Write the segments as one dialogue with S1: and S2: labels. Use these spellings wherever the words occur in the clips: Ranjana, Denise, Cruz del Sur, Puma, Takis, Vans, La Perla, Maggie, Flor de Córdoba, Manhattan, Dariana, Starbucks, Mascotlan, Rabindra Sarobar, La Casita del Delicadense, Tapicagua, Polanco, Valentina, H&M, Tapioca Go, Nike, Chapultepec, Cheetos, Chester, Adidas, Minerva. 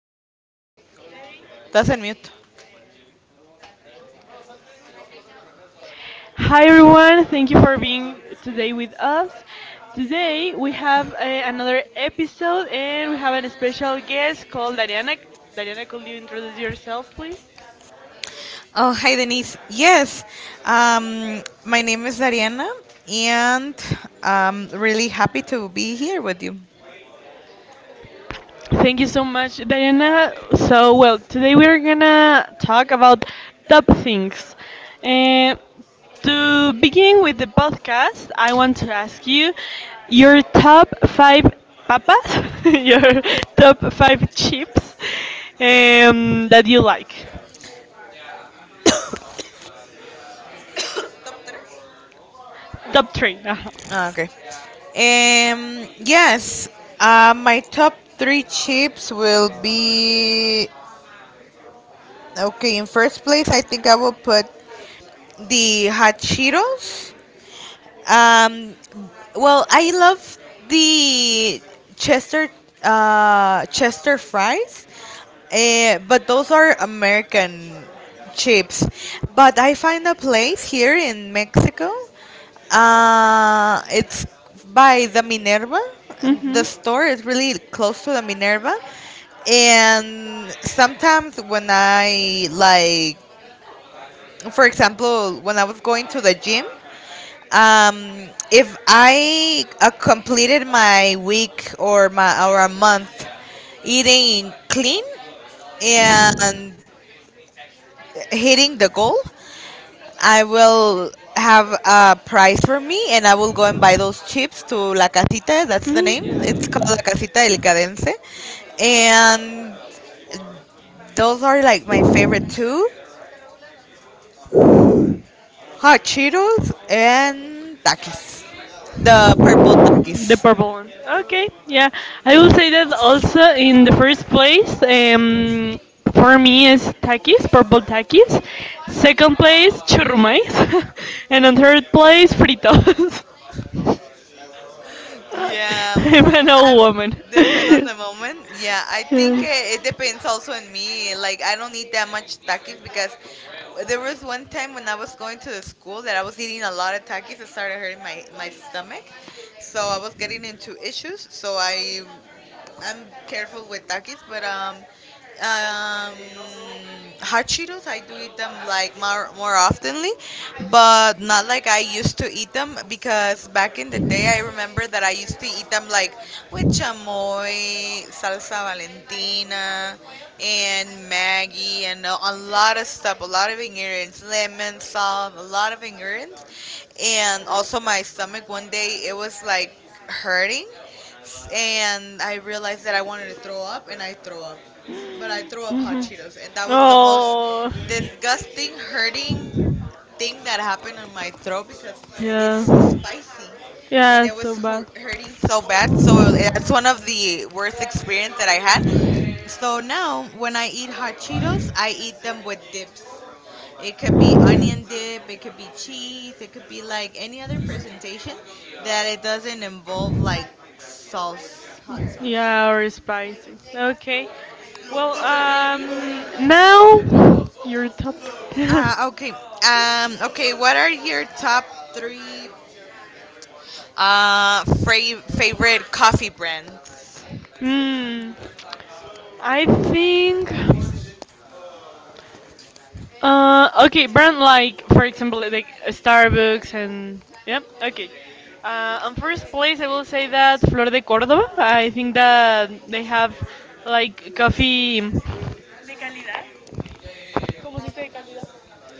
S1: escuchas. Estás en mute.
S2: Hi everyone, thank you for being today with us. Today we have another episode and we have a special guest called Dariana. Dariana, could you introduce yourself, please?
S1: Oh, hi Denise. Yes, my name is Dariana, and I'm really happy to be here with you.
S2: Thank you so much, Diana. So, well, today we're gonna talk about top things. And to begin with the podcast, I want to ask you your top five papas, your top five chips that you like. Top three.
S1: Ah, okay. Yes, my top three chips will be okay. In first place, I think I will put the hot Cheetos. Um, well, I love the Chester Chester fries, but those are American chips. But I find a place
S2: Uh-huh.
S1: here in Mexico. It's by the Minerva. The store is really close to the Minerva, and sometimes when I like, for example, when I was going to the gym. If I completed my week or a month eating clean and hitting the goal, I will have a prize for me and I will go and buy those chips to La Casita. That's the name.
S2: Mhm. Mm.
S1: It's called La Casita del Delicadense. And those are like my favorite too. Hot Cheetos and Takis. The purple
S2: The
S1: Takis.
S2: purple one. Okay, yeah. I will say that also in the first place, for me is takis, purple takis. Second place, churrumais. And on third place, fritos.
S1: Yeah,
S2: I'm an old
S1: I
S2: woman.
S1: depend on the moment. Yeah, I think it depends also on me. Like I don't eat that much takis because there was one time when I was going to the school that I was eating a lot of takis. It started hurting my stomach, so I was getting into issues. So I'm careful with Takis, but um, hot Cheetos I do eat them like more oftenly, but not like I used to
S2: Yeah.
S1: eat them because back in the day I remember that I used to eat them like with chamoy, salsa Valentina, and Maggie, and a lot of stuff, a lot of ingredients, lemon salt, a lot of ingredients, and also my stomach one day it was like hurting and I realized that I wanted to throw up, and I throw up. But I threw up hot
S2: Mhm.
S1: Cheetos, and that was the most
S2: Oh.
S1: disgusting, hurting thing that happened in my throat because
S2: Yeah.
S1: it's spicy,
S2: Yeah,
S1: and it
S2: it's so
S1: was
S2: bad.
S1: hurting so bad. So that's one of the worst experience that I had. So now, when I eat hot Cheetos, I eat them with dips. It could be onion dip, it could be cheese, it could be like any other presentation that it doesn't involve like sauce, hot sauce.
S2: Yeah, or spicy. Okay. Well, now your top.
S1: Ah, okay. Okay, what are your top three favorite coffee brands?
S2: Hmm. I think. Okay, brand like, for example, like Starbucks and. Yeah, okay. On first place, I will say that Flor de Córdoba. I think that they have like coffee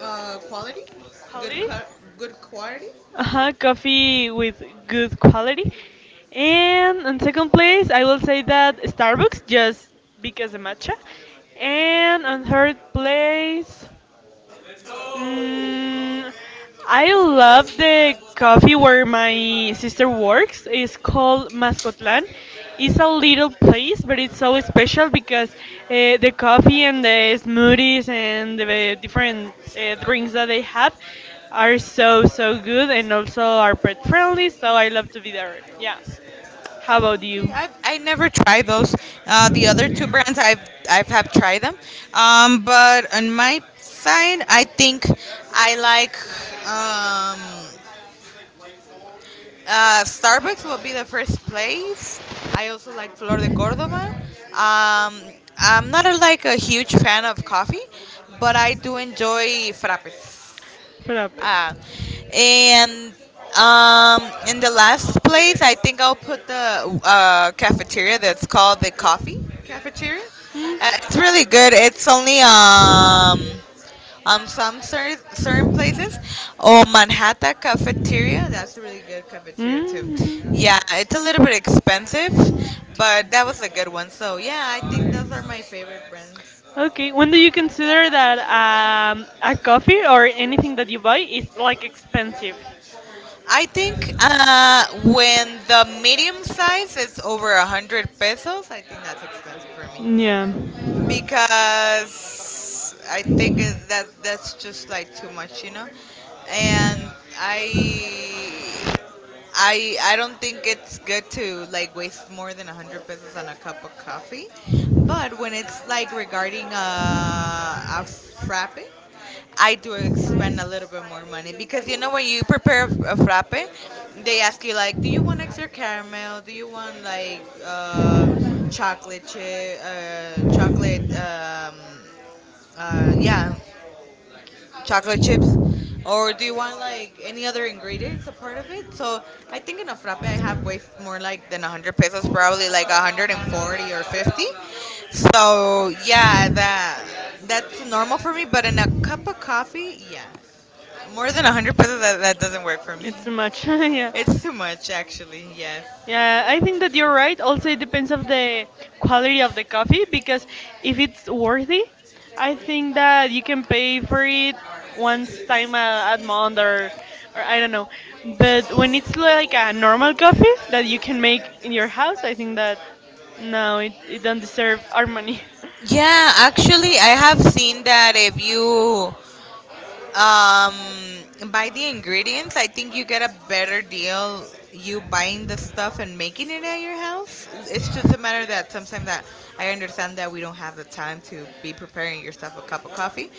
S1: Uh, quality? Good,
S2: quality.
S1: co- good quality?
S2: Uh huh, coffee with good quality. And on second place, I will say that Starbucks, just because the matcha. And on third place, Mm, I love the coffee where my sister works. It's called Mascotlan. It's a little place, but it's so special because the coffee and the smoothies and the different drinks that they have are so so good and also are pet friendly. So I love to be there. Yeah. How
S1: Oh,
S2: about
S1: okay.
S2: you?
S1: I never tried those. The other two brands I've have tried them, but on my side, I think I like um, Starbucks will be the first place. I also like Flor de Córdoba. Um, I'm not like a huge fan of coffee, but I do enjoy frappes.
S2: Budapest.
S1: Ah, and um, in the last place, I think I'll put the cafeteria that's called the coffee
S2: Hmm?
S1: cafeteria. It's really
S2: Mm-hmm.
S1: good. It's only some certain places. Oh, Manhattan cafeteria. That's a really good cafeteria too. Yeah, it's a little bit expensive, but that was a good one. So yeah, I think those are my favorite brands.
S2: Okay, when do you consider that a coffee or anything that you buy is like expensive?
S1: I think when the medium size is over 100 pesos, I think that's expensive for me
S2: Yeah,
S1: because I think that that's just like too much, you know. And I I don't think it's good to like waste more than 100 pesos on a cup of coffee, but when it's like regarding a frappe, I do spend a little bit more money because you know when you prepare a frappe, they ask you like, do you want extra caramel? Do you want like chocolate chip, chocolate? Yeah, chocolate chips, or do you want like any other ingredients a part of it? So I think in a frappe I have way more like than 100 pesos, probably like 140 or 50. So yeah, that's normal for me. But in a cup of coffee, yeah, more than 100 pesos that doesn't work for me.
S2: it's too much. Yeah.
S1: It's too much actually. Yes.
S2: Yeah, I think that you're right. Also, it depends of the quality of the coffee because if it's worthy, I think that you can pay for it once time a month or I don't know. But when it's like a normal coffee that you can make in your house, I think that no, it don't deserve our money.
S1: Yeah, actually, I have seen that if you Um, buy the ingredients. I think you get a better deal you buying the stuff and making it at your house. It's just a matter that sometimes that I understand that we don't have the time to be preparing yourself a cup of coffee.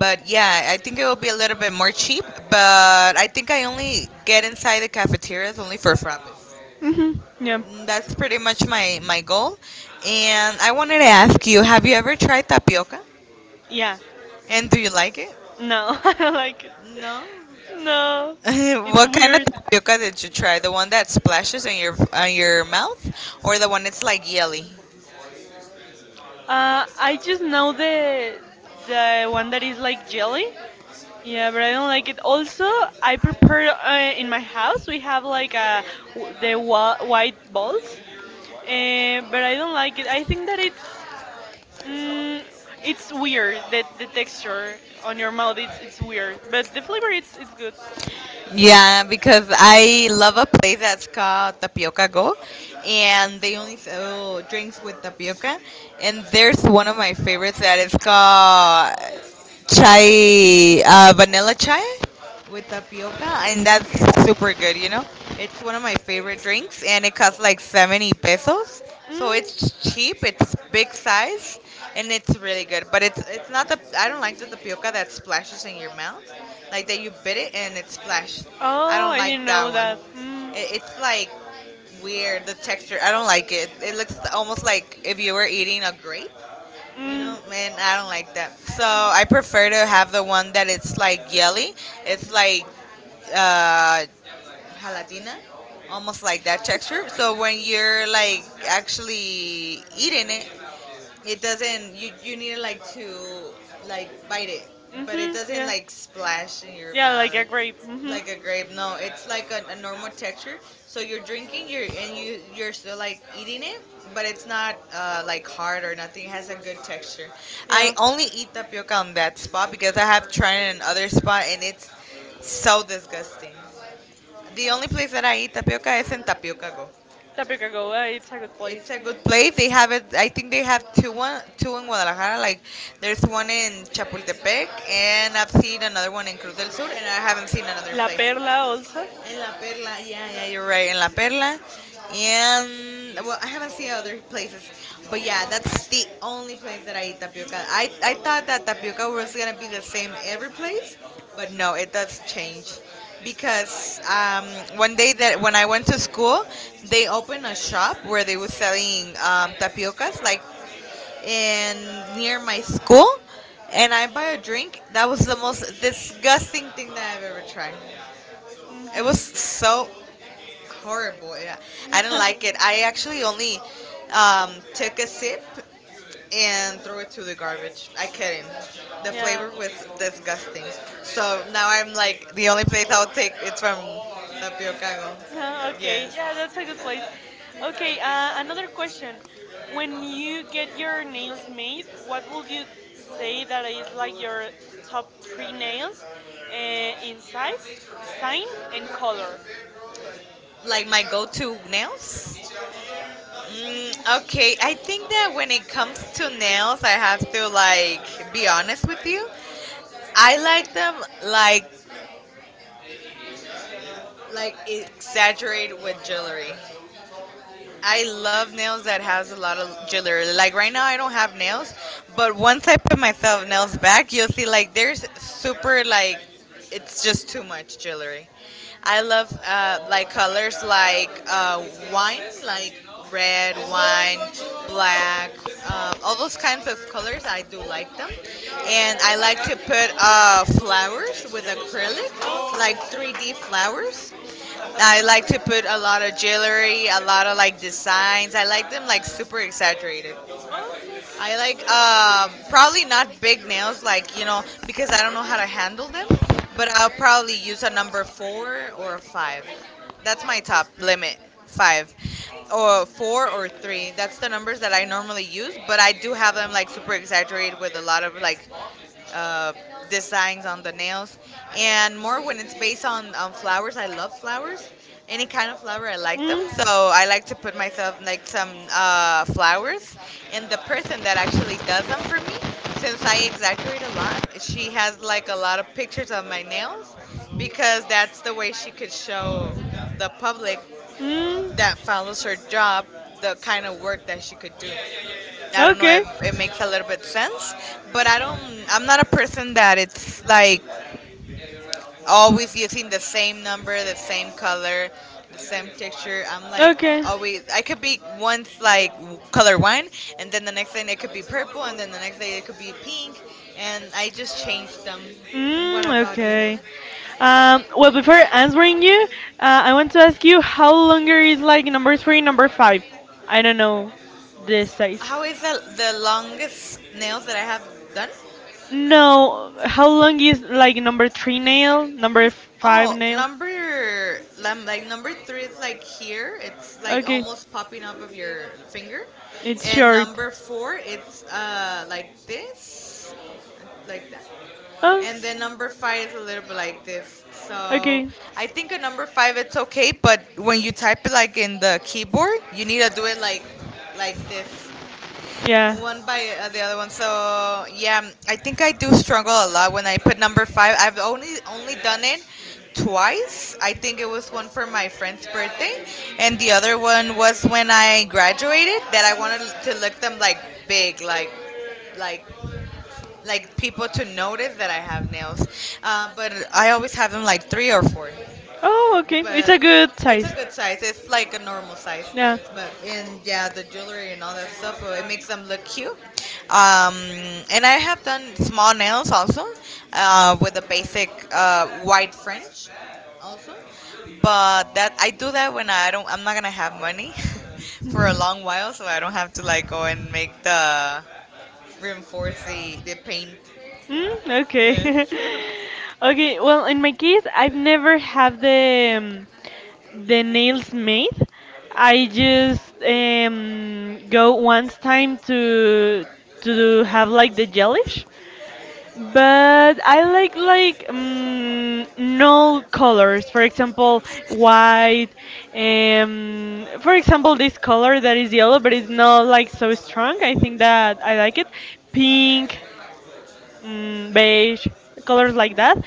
S1: But yeah, I think it will be a little bit more cheap. But I think I only get inside the cafeterias only for frappes.
S2: Mhm. Yeah.
S1: That's pretty much my goal. And I wanted to ask you, have you ever tried tapioca?
S2: Yeah.
S1: And do you like it?
S2: No, I don't like it.
S1: No.
S2: No, it's
S1: what kind of
S2: weird.
S1: tapioca did you try? The one that splashes on your mouth, or the one that's like jelly?
S2: I just know the one that is like jelly. Yeah, but I don't like it. Also, I prepare in my house. We have like the white balls, but I don't like it. I think that it's mm, it's weird. The texture on your mouth it's weird, but the flavor it's good.
S1: Yeah, because I love a place that's called Tapioca Go, and they only sell drinks with tapioca. And there's one of my favorites that is called chai, vanilla chai with tapioca, and that's super good. You know, it's one of my favorite drinks, and it costs like 70 pesos.
S2: Mm.
S1: So it's cheap, it's big size, and it's really good. But it's not the I don't like the tapioca that splashes in your mouth, like that you bit it and it splashed. I
S2: Oh,
S1: don't
S2: I didn't
S1: like that
S2: know
S1: one.
S2: that. Mm.
S1: It's like weird the texture. I don't like it. It looks almost like if you were eating a grape, you know,
S2: Mm
S1: man, I don't like that. So I prefer to have the one that it's like jelly. It's like uh, gelatina, almost like that texture. So when you're like actually eating it, it doesn't. You need to like bite it, but it
S2: hmm.
S1: doesn't
S2: Yeah.
S1: like splash in your
S2: Yeah, like
S1: mouth
S2: a grape. Mhm.
S1: like a grape. No, it's like a normal texture. So you're drinking, you're and you you're still like eating it, but it's not like hard or nothing. It has a good texture. I
S2: Yeah.
S1: only eat tapioca on that spot because I have tried it in other spot and it's so disgusting. The only place that I eat tapioca is in Tapioca Go.
S2: Tapicagua, it's a good place.
S1: It's a good place. They have
S2: Yeah.
S1: it. I think they have 2, 1, 2 in Guadalajara. Like there's one in Chapultepec, and I've seen another one in Cruz del Sur, and I haven't seen another
S2: La
S1: place.
S2: Perla also.
S1: In La Perla, yeah, yeah, you're right. In La Perla, and well, I haven't seen other places, but yeah, that's the only place that I eat tapioca. I thought that tapioca was gonna be the same every place, but no, it does change, because one day that when I went to school, they opened a shop where they were selling tapiocas, like in near my school, and I buy a drink. That was the most disgusting thing that I've ever tried. It was so horrible. Yeah, I didn't like it. I actually only took a sip and threw it to the garbage. I couldn't. The
S2: Yeah.
S1: flavor was disgusting. So now I'm like the only place I'll take it's from
S2: is
S1: Tapiocago.
S2: Ah, okay,
S1: Yes.
S2: yeah, that's a good place. Okay, another question. When you get your nails made, what would you say that is like your top three nails in size, design, and color?
S1: Like my go-to nails. Okay, I think that when it comes to nails, I have to like be honest with you. I like them like like exaggerate with jewelry. I love nails that has a lot of jewelry. Like right now, I don't have nails, but once I put myself nails back, you'll see like there's super like it's just too much jewelry. I love like colors like wine, like red wine, black, all those kinds of colors. I do like them, and I like to put flowers with acrylic, like 3D flowers. I like to put a lot of jewelry, a lot of like designs. I like them like super exaggerated. I like
S2: Okay.
S1: probably not big nails, like you know, because I don't know how to handle them. But I'll probably use a number four or a five. That's my top limit, five, or four or three. That's the numbers that I normally use. But I do have them like super exaggerated with a lot of like uh, designs on the nails, and more when it's based on flowers. I love flowers. Any kind of flower, I like them. So I like to put myself like some flowers, and the person that actually does them for me, since I exaggerate a lot, she has like a lot of pictures of my nails, because that's the way she could show the public that follows her job the kind of work that she could do. I don't know
S2: Okay.
S1: if it
S2: And
S1: makes a little bit sense, but I don't. I'm not a person that it's like
S2: the same.
S1: always using the same number, the same color, the same texture. I'm like
S2: Okay.
S1: always. I could be once like color one, and then the next day it could be purple, and then the next day it could be pink, and I just change them. What about you?
S2: Okay. Well, before answering you, I want to ask you how longer is like number three, number five? I don't know the size.
S1: How is the longest nails that I have done?
S2: No, how long is like number three nail, number five
S1: Oh,
S2: nail?
S1: like number three is like here. It's like
S2: Okay.
S1: almost popping up of your finger,
S2: It's
S1: and
S2: short.
S1: number four it's like this, like that,
S2: Oh.
S1: and then number five is a little bit like this. So
S2: Okay.
S1: I think a number five it's okay, but when you type it like in the keyboard, you need to do it like this.
S2: Yeah.
S1: One by the other one. So yeah, I think I do struggle a lot when I put number five. I've only done it twice. I think it was one for my friend's birthday, and the other one was when I graduated. That I wanted to look them like big, like like people to notice that I have nails. But I always have them like three or four
S2: Oh, okay. It's
S1: but
S2: a good
S1: it's a
S2: size.
S1: good size. It's like a normal size.
S2: Yeah.
S1: But and yeah, the jewelry and all that stuff, it makes them look cute. Um, and I have done small nails also, with a basic white French, also. But that I do that when I don't. I'm not gonna have money for a long while, so I don't have to like go and make the reinforce the paint.
S2: Okay.
S1: Yes.
S2: Okay, well, in my case, I've never have the nails made. I just go once time to have like the gelish. But I like null colors. For example, white. For example, this color that is yellow, but it's not like so strong. I think that I like it. Pink, beige, colors like that.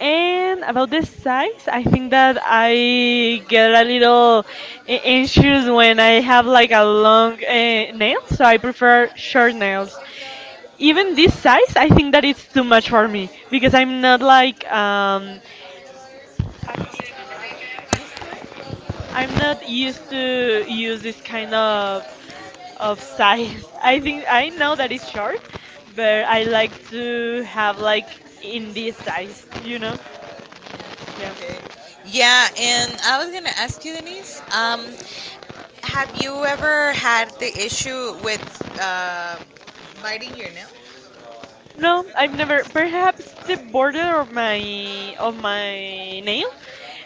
S2: And about the size, I think that I get a little anxious when I have like a long nail, so I prefer short nails. Even this size I think that it's too much for me, because I'm not like
S1: Used to it?
S2: I'm not used to use this kind of size. I think I know that it's short, but I like to have like in this size, you know.
S1: Okay.
S2: Yeah.
S1: Yeah, and I was gonna ask you, Denise, have you ever had the issue with uh, biting your nail?
S2: No, I've never. Perhaps the border of my nail,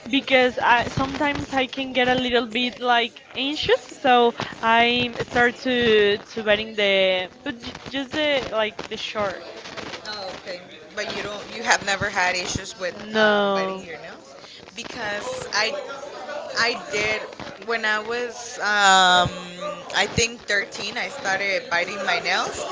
S2: because I sometimes I can get a little bit like anxious, so I start to wetting the but j just the like the short.
S1: Oh, okay. But you don't. You have never had issues with biting
S2: No.
S1: your nails, because I did. When I was, I think, 13, I started biting my nails.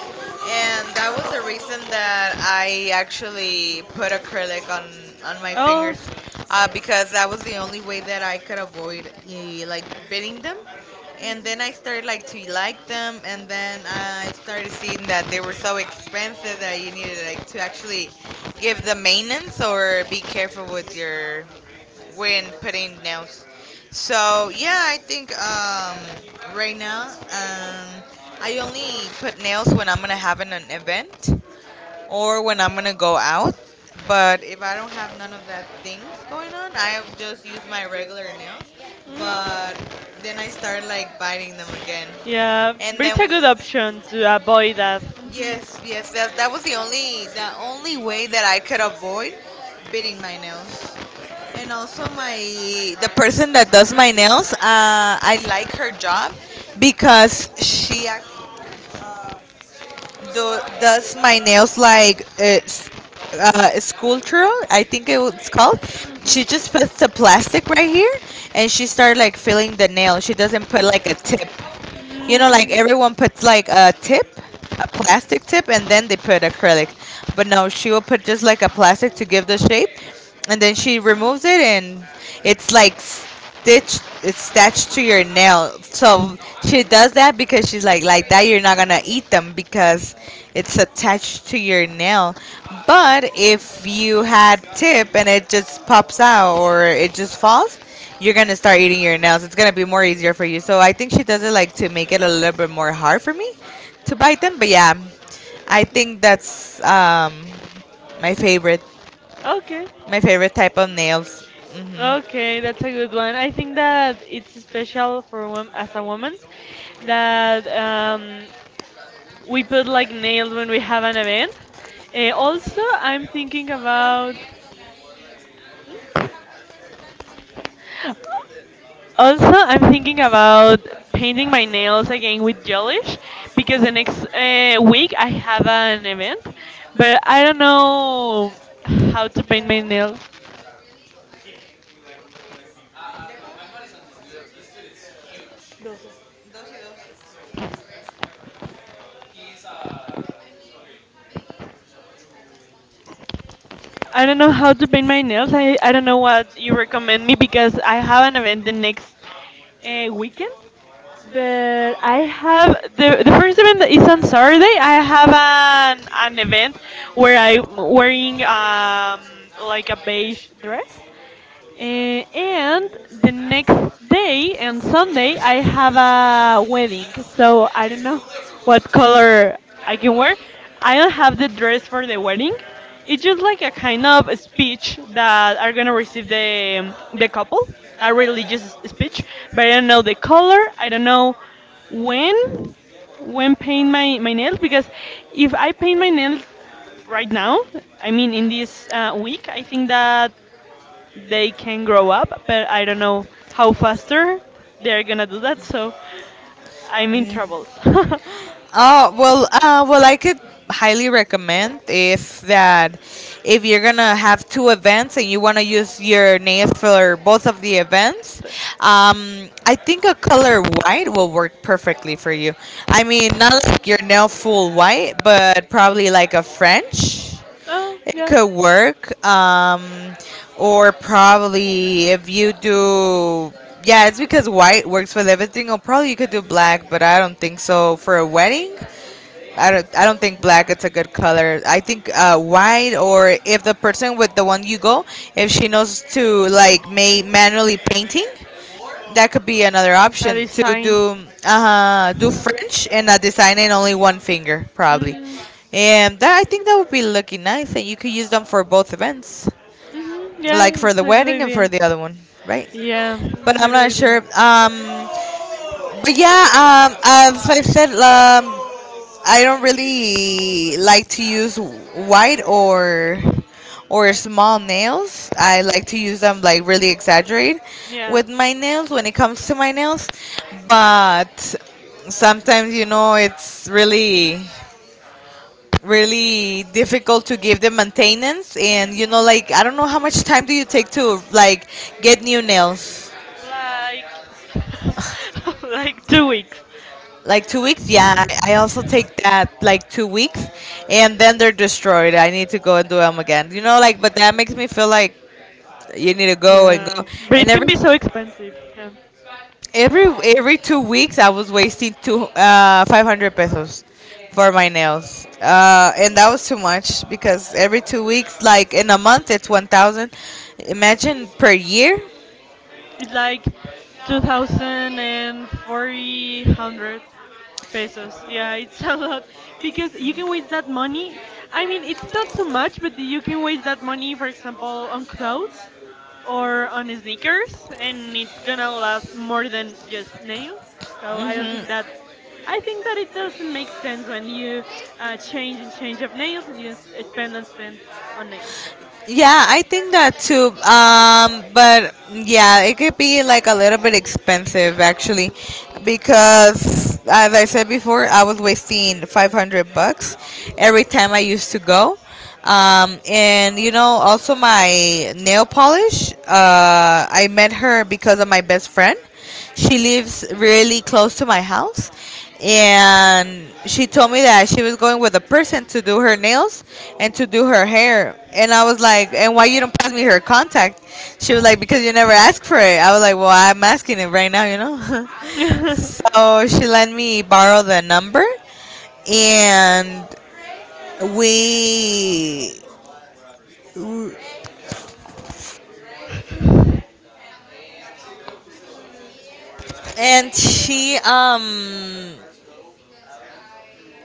S1: And that was the reason that I actually put acrylic on my
S2: Oh.
S1: fingers because that was the only way that I could avoid like biting them. And then I started like to like them, and then I started seeing that they were so expensive that you needed like to actually give the maintenance or be careful with your when putting nails. So yeah, I think right now I only put nails when I'm gonna have an event or when I'm gonna go out. But if I don't have none of that things going on, I just use my regular nails. But
S2: Mm.
S1: then I start like biting them again.
S2: Yeah,
S1: And
S2: but it's
S1: then
S2: a good option to avoid that.
S1: yes, yes, that was the only way that I could avoid biting my nails. And also my the person that does my nails, I like her job because she does my nails like sculptural, I think it was called. She just puts the plastic right here and she started like filling the nail. She doesn't put like a tip. You know, like
S2: Mhm.
S1: everyone
S2: Mm.
S1: puts like a tip, a plastic tip, and then they put acrylic. But no, she will put just like a plastic to give the shape and then she removes it and it's like Stitch it's stitched to your nail. So she does that because she's like that you're not gonna eat them because it's attached to your nail. But if you had tip and it just pops out or it just falls, you're gonna start eating your nails. It's gonna be more easier for you. So I think she does it like to make it a little bit more hard for me to bite them. But yeah, I think that's my favorite
S2: Okay.
S1: my favorite type of nails.
S2: Okay, that's a good one. I think that it's special for wom as a woman that we put like nails when we have an event. Also, I'm thinking about. Hmm? Also, I'm thinking about painting my nails again with gelish because the next week I have an event, but I don't know how to paint my nails. I don't know how to paint my nails. I don't know what you recommend me because I have an event the next weekend. But I have the first event that is on Saturday. I have an event where I'm wearing like a beige dress. Eh, and the next day and Sunday I have a wedding, so I don't know what color I can wear. I don't have the dress for the wedding. It's just like a kind of a speech that are gonna receive the couple, a religious speech. But I don't know the color. I don't know when when paint my my nails because if I paint my nails right now, I mean in this week, I think that they can grow up, but I don't know how faster they're gonna do that, so I'm in troubles.
S1: Oh well, well, I could highly recommend is that if you're gonna have two events and you want to use your nails for both of the events,
S2: But-
S1: I think a color white will work perfectly for you. I mean, not like your nail full white, but probably like a French.
S2: oh,
S1: It
S2: yeah,
S1: could work. Or probably if you do, yeah, it's because white works with everything. Or probably you could do black, but I don't think so for a wedding. I don't. I don't think black. It's a good color. I think white, or if the person with the one you go, if she knows to like may manually painting, that could be another
S2: a
S1: option to
S2: design.
S1: do do
S2: Mm.
S1: French and a design in only one finger probably,
S2: hmm.
S1: and that I think that would be looking nice and you could use them for both events,
S2: Yeah,
S1: like for
S2: it's
S1: the
S2: a good
S1: wedding and for
S2: idea.
S1: the other one, right?
S2: Yeah,
S1: But
S2: it's a
S1: I'm
S2: good
S1: not sure.
S2: idea.
S1: But yeah, as I said, I don't really like to use white or small nails. I like to use them like really exaggerate
S2: Yeah.
S1: with my nails when it comes to my nails, but sometimes you know it's really really difficult to give them maintenance and you know
S2: Like,
S1: like I don't know how much time do you take to like get new nails.
S2: like 2 weeks.
S1: Like two weeks? Yeah, I also take that like two weeks, and then they're destroyed. I need to go and do them again. You know, like, but that makes me feel like you need to go and go.
S2: Yeah, but
S1: And
S2: it can be so expensive. Yeah,
S1: every every two weeks, I was wasting two 500 pesos for my nails, and that was too much because every two weeks, like in a month, it's 1,000. Imagine per year.
S2: it's like two thousand and forty hundred pesos. Yeah, it's a lot because you can waste that money. I mean, it's not too much, but you can waste that money, for example, on clothes or on sneakers, and it's gonna last more than just nails. So I don't think that. I think that it doesn't make sense when you change and change of nails and you spend and spend on nails.
S1: Yeah, I think that
S2: De
S1: too. But yeah, it could be like a little bit expensive actually, because as I said before, I was wasting 500 bucks every time I used to go. And you know, also my nail polish. I met her because of my best friend. She lives really close to my house. And she told me that she was going with a person to do her nails and to do her hair. And I was like, and why you don't pass me her contact? She was like, because you never asked for it. I was like, well, I'm asking it right now, you know? So she let me borrow the number and we and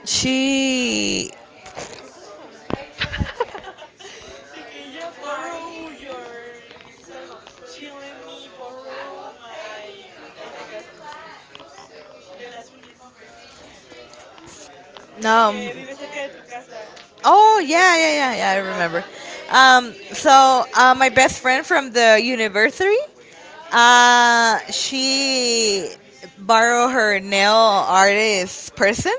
S1: she
S2: que ya borrow your es algo chill in me borrow my el de cas- de las uñas
S1: no
S2: que vive cerca de tu casa y
S1: Oh
S2: dice de
S1: yeah,
S2: que
S1: yeah,
S2: por qué
S1: yeah,
S2: no te
S1: yeah. I
S2: preguntaba.
S1: remember. So my best friend from the university, she borrowed her nail artist person,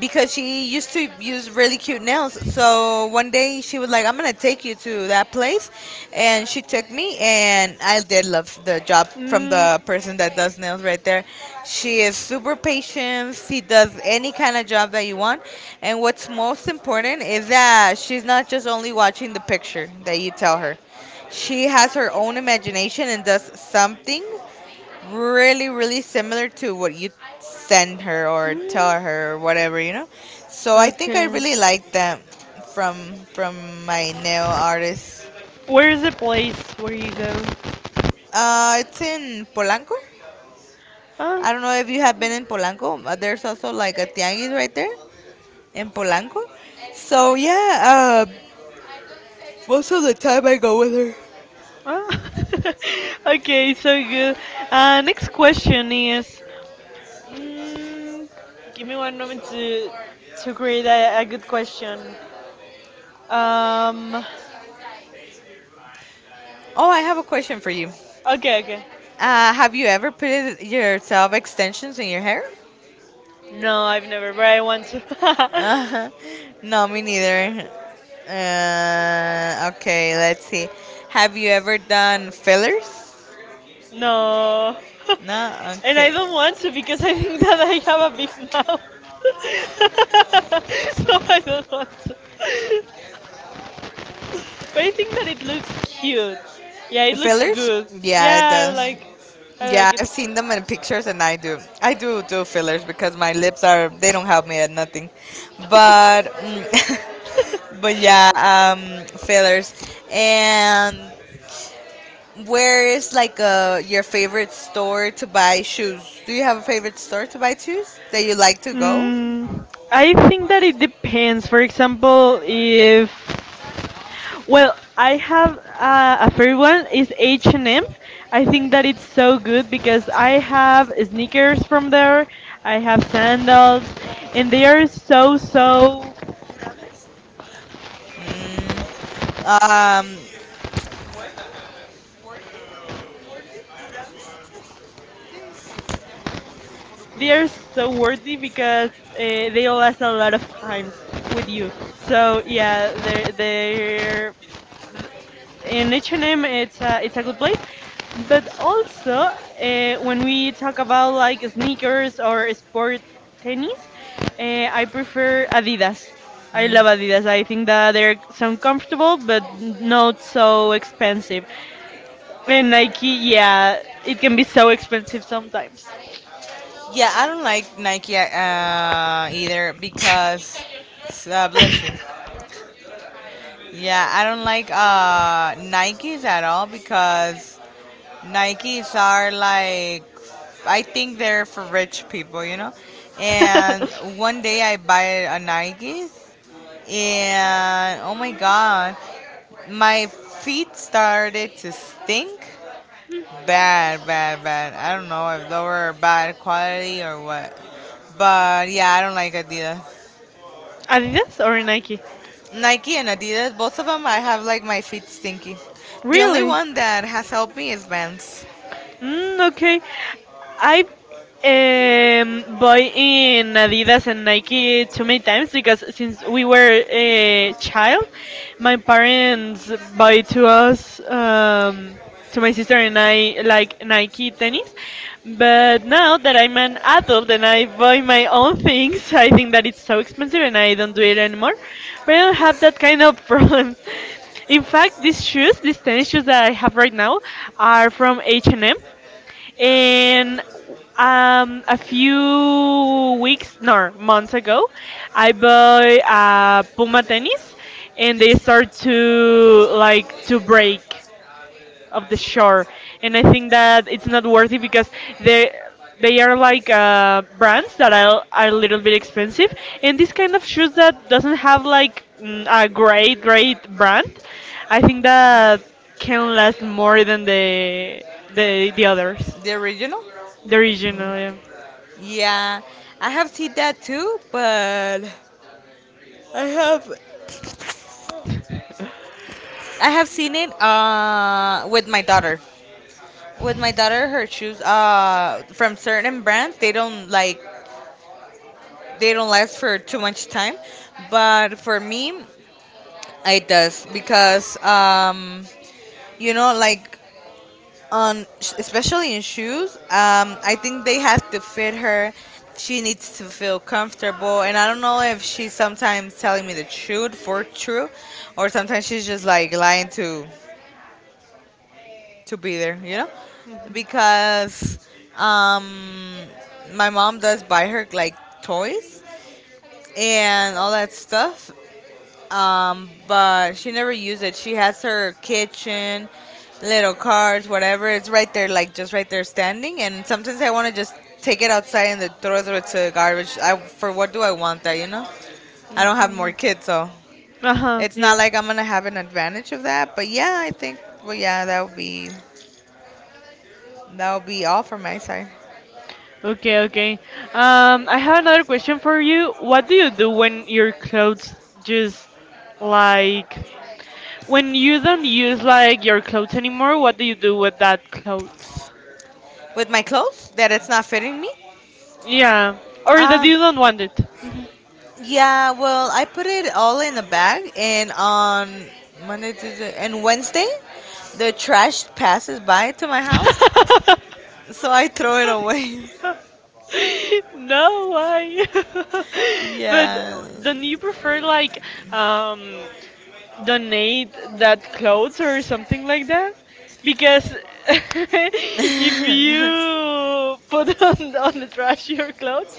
S1: because she used to use really cute nails. So one day she was like, "I'm gonna take you to that place," and she took me, and I did love the job from
S2: Mm,
S1: the person that does nails right there. She is super patient. She does any kind of job that you want, and what's most important is that she's not just only watching the picture that you tell her. She has her own imagination and does something really really similar to what you send her or
S2: mm,
S1: tell her or whatever you know so I think I
S2: okay.
S1: really like them from from my nail artist
S2: Where is the place where you go?
S1: it's in polanco
S2: Ah,
S1: I don't know if you have been in polanco but there's also like a tianguis right there in polanco so yeah most of the time I go with her
S2: ah. Okay, so good. Next question is, mm, give me one moment to create a good question. Um,
S1: oh I have a question for you
S2: okay, okay.
S1: have you ever put it yourself extensions in your hair
S2: No, I've never, but I want to.
S1: Uh, no, me neither. Okay, let's see. Have you ever done fillers?
S2: No,
S1: No?
S2: and I
S1: Okay.
S2: don't want to because I think that I have a big mouth, so I don't want to. But I think that it looks cute. Yeah, it looks
S1: Fillers?
S2: good.
S1: Yeah, it
S2: Yeah,
S1: does.
S2: I
S1: Yeah,
S2: like it.
S1: I've seen them in pictures and I do. I do do fillers because my lips are, they don't help me at nothing. But, mm, but yeah, fillers. And Where is like your favorite store to buy shoes? Do you have a favorite store to buy shoes that you like to go?
S2: Mm, I think that it depends. For example, if. Well, I have a favorite one is H&M. I think that it's so good because I have sneakers from there. I have sandals, and they are so so.
S1: Mm, um,
S2: They are so worthy because they last a lot of time with you. So yeah, they're in H&M, it's a good place. But also when we talk about like sneakers or sport tennis, I prefer Adidas. I love Adidas. I think that they're some comfortable but not so expensive. And Nike, yeah, it can be so expensive sometimes.
S1: yeah, I don't like Nike either because, bless you. Yeah, I don't like Nikes at all because Nikes are like, I think they're for rich people, you know? And one day I buy a Nike and oh my god, my feet started to stink bad, bad, bad. I don't know if they were bad quality or what. But yeah, I don't like Adidas.
S2: Adidas or Nike?
S1: Nike and Adidas, both of them, I have like my feet stinky. The only
S2: Really?
S1: one that has helped me is Vans,
S2: Okay. I've bought in Adidas and Nike too many times because since we were a child, my parents buy to us, to my sister and I, like Nike tennis. But now that I'm an adult and I buy my own things, I think that it's so expensive and I don't do it anymore. But I don't have that kind of problems. In fact, these shoes, these tennis shoes that I have right now, are from H&M, and M, and a few weeks, no, months ago, I bought Puma tennis, and they start to like to break of the shore. And I think that it's not worthy because they they are like brands that are a little bit expensive, and this kind of shoes that doesn't have like a great great brand, I think that can last more than the others,
S1: the original.
S2: the original. Yeah.
S1: Yeah, I have seen that too, but I have I have seen it with my daughter. With my daughter, her shoes from certain brands, they don't like they don't last for too much time, but for me, it does because you know, like on especially in shoes, I think they have to fit her. She needs to feel comfortable, and I don't know if she's sometimes telling me the truth for true, or sometimes she's just like lying to be there, you know, because um, my mom does buy her like toys and all that stuff but she never used it. She has her kitchen, little carts, whatever. It's right there, like just right there standing. And sometimes I want to just take it outside and then throw it through to garbage. I for what do I want that?
S2: Mhm.
S1: I don't have
S2: Mhm.
S1: more kids, so
S2: Uh-huh,
S1: it's not
S2: yeah.
S1: like I'm gonna have an advantage of that. But yeah, I think. Well, yeah, that would be all from my side.
S2: Okay, okay. I have another question for you. What do you do when your clothes just like when you don't use like your clothes anymore? What do you do with that clothes?
S1: With my clothes, that it's not fitting me.
S2: Yeah, or that
S1: Um,
S2: you don't want it. Mhm.
S1: Yeah, well, I put it all in a bag, and on Monday, Tuesday, and Wednesday, the trash passes by to my house, so I throw it away.
S2: No, why? But
S1: Yeah.
S2: don't you prefer like um donate that clothes or something like that? Because if you put on the trash your clothes,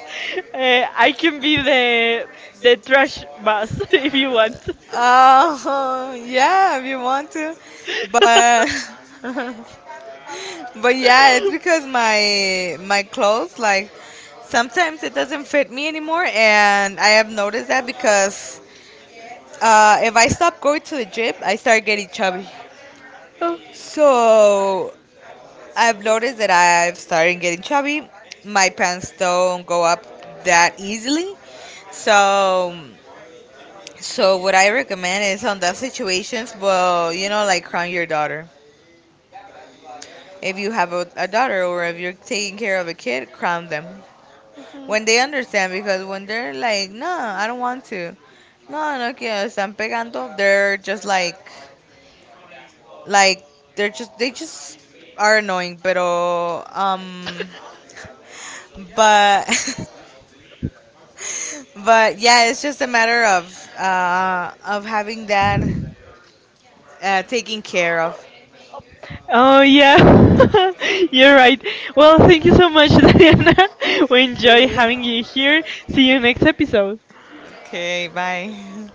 S2: I can be the trash bus if you want.
S1: Oh, yeah, if you want to, but but yeah, it's because my clothes like sometimes it doesn't fit me anymore, and I have noticed that because if I stop going to the gym, I start getting chubby. So I've noticed that I've started getting chubby. My pants don't go up that easily. So, so what I recommend is on that situations, well, you know, like crown your daughter. If you have a daughter or if you're taking care of a kid, crown them. When they understand, because when they're like, no, I don't want to. No, no quiero, están pegando. They're just like, they're just, they just are annoying, pero, but but yeah, it's just a matter of having that taken care of.
S2: Oh yeah, you're right. Well, thank you so much, Diana. We enjoy
S1: True.
S2: having you here. See you next episode.
S1: Okay, bye.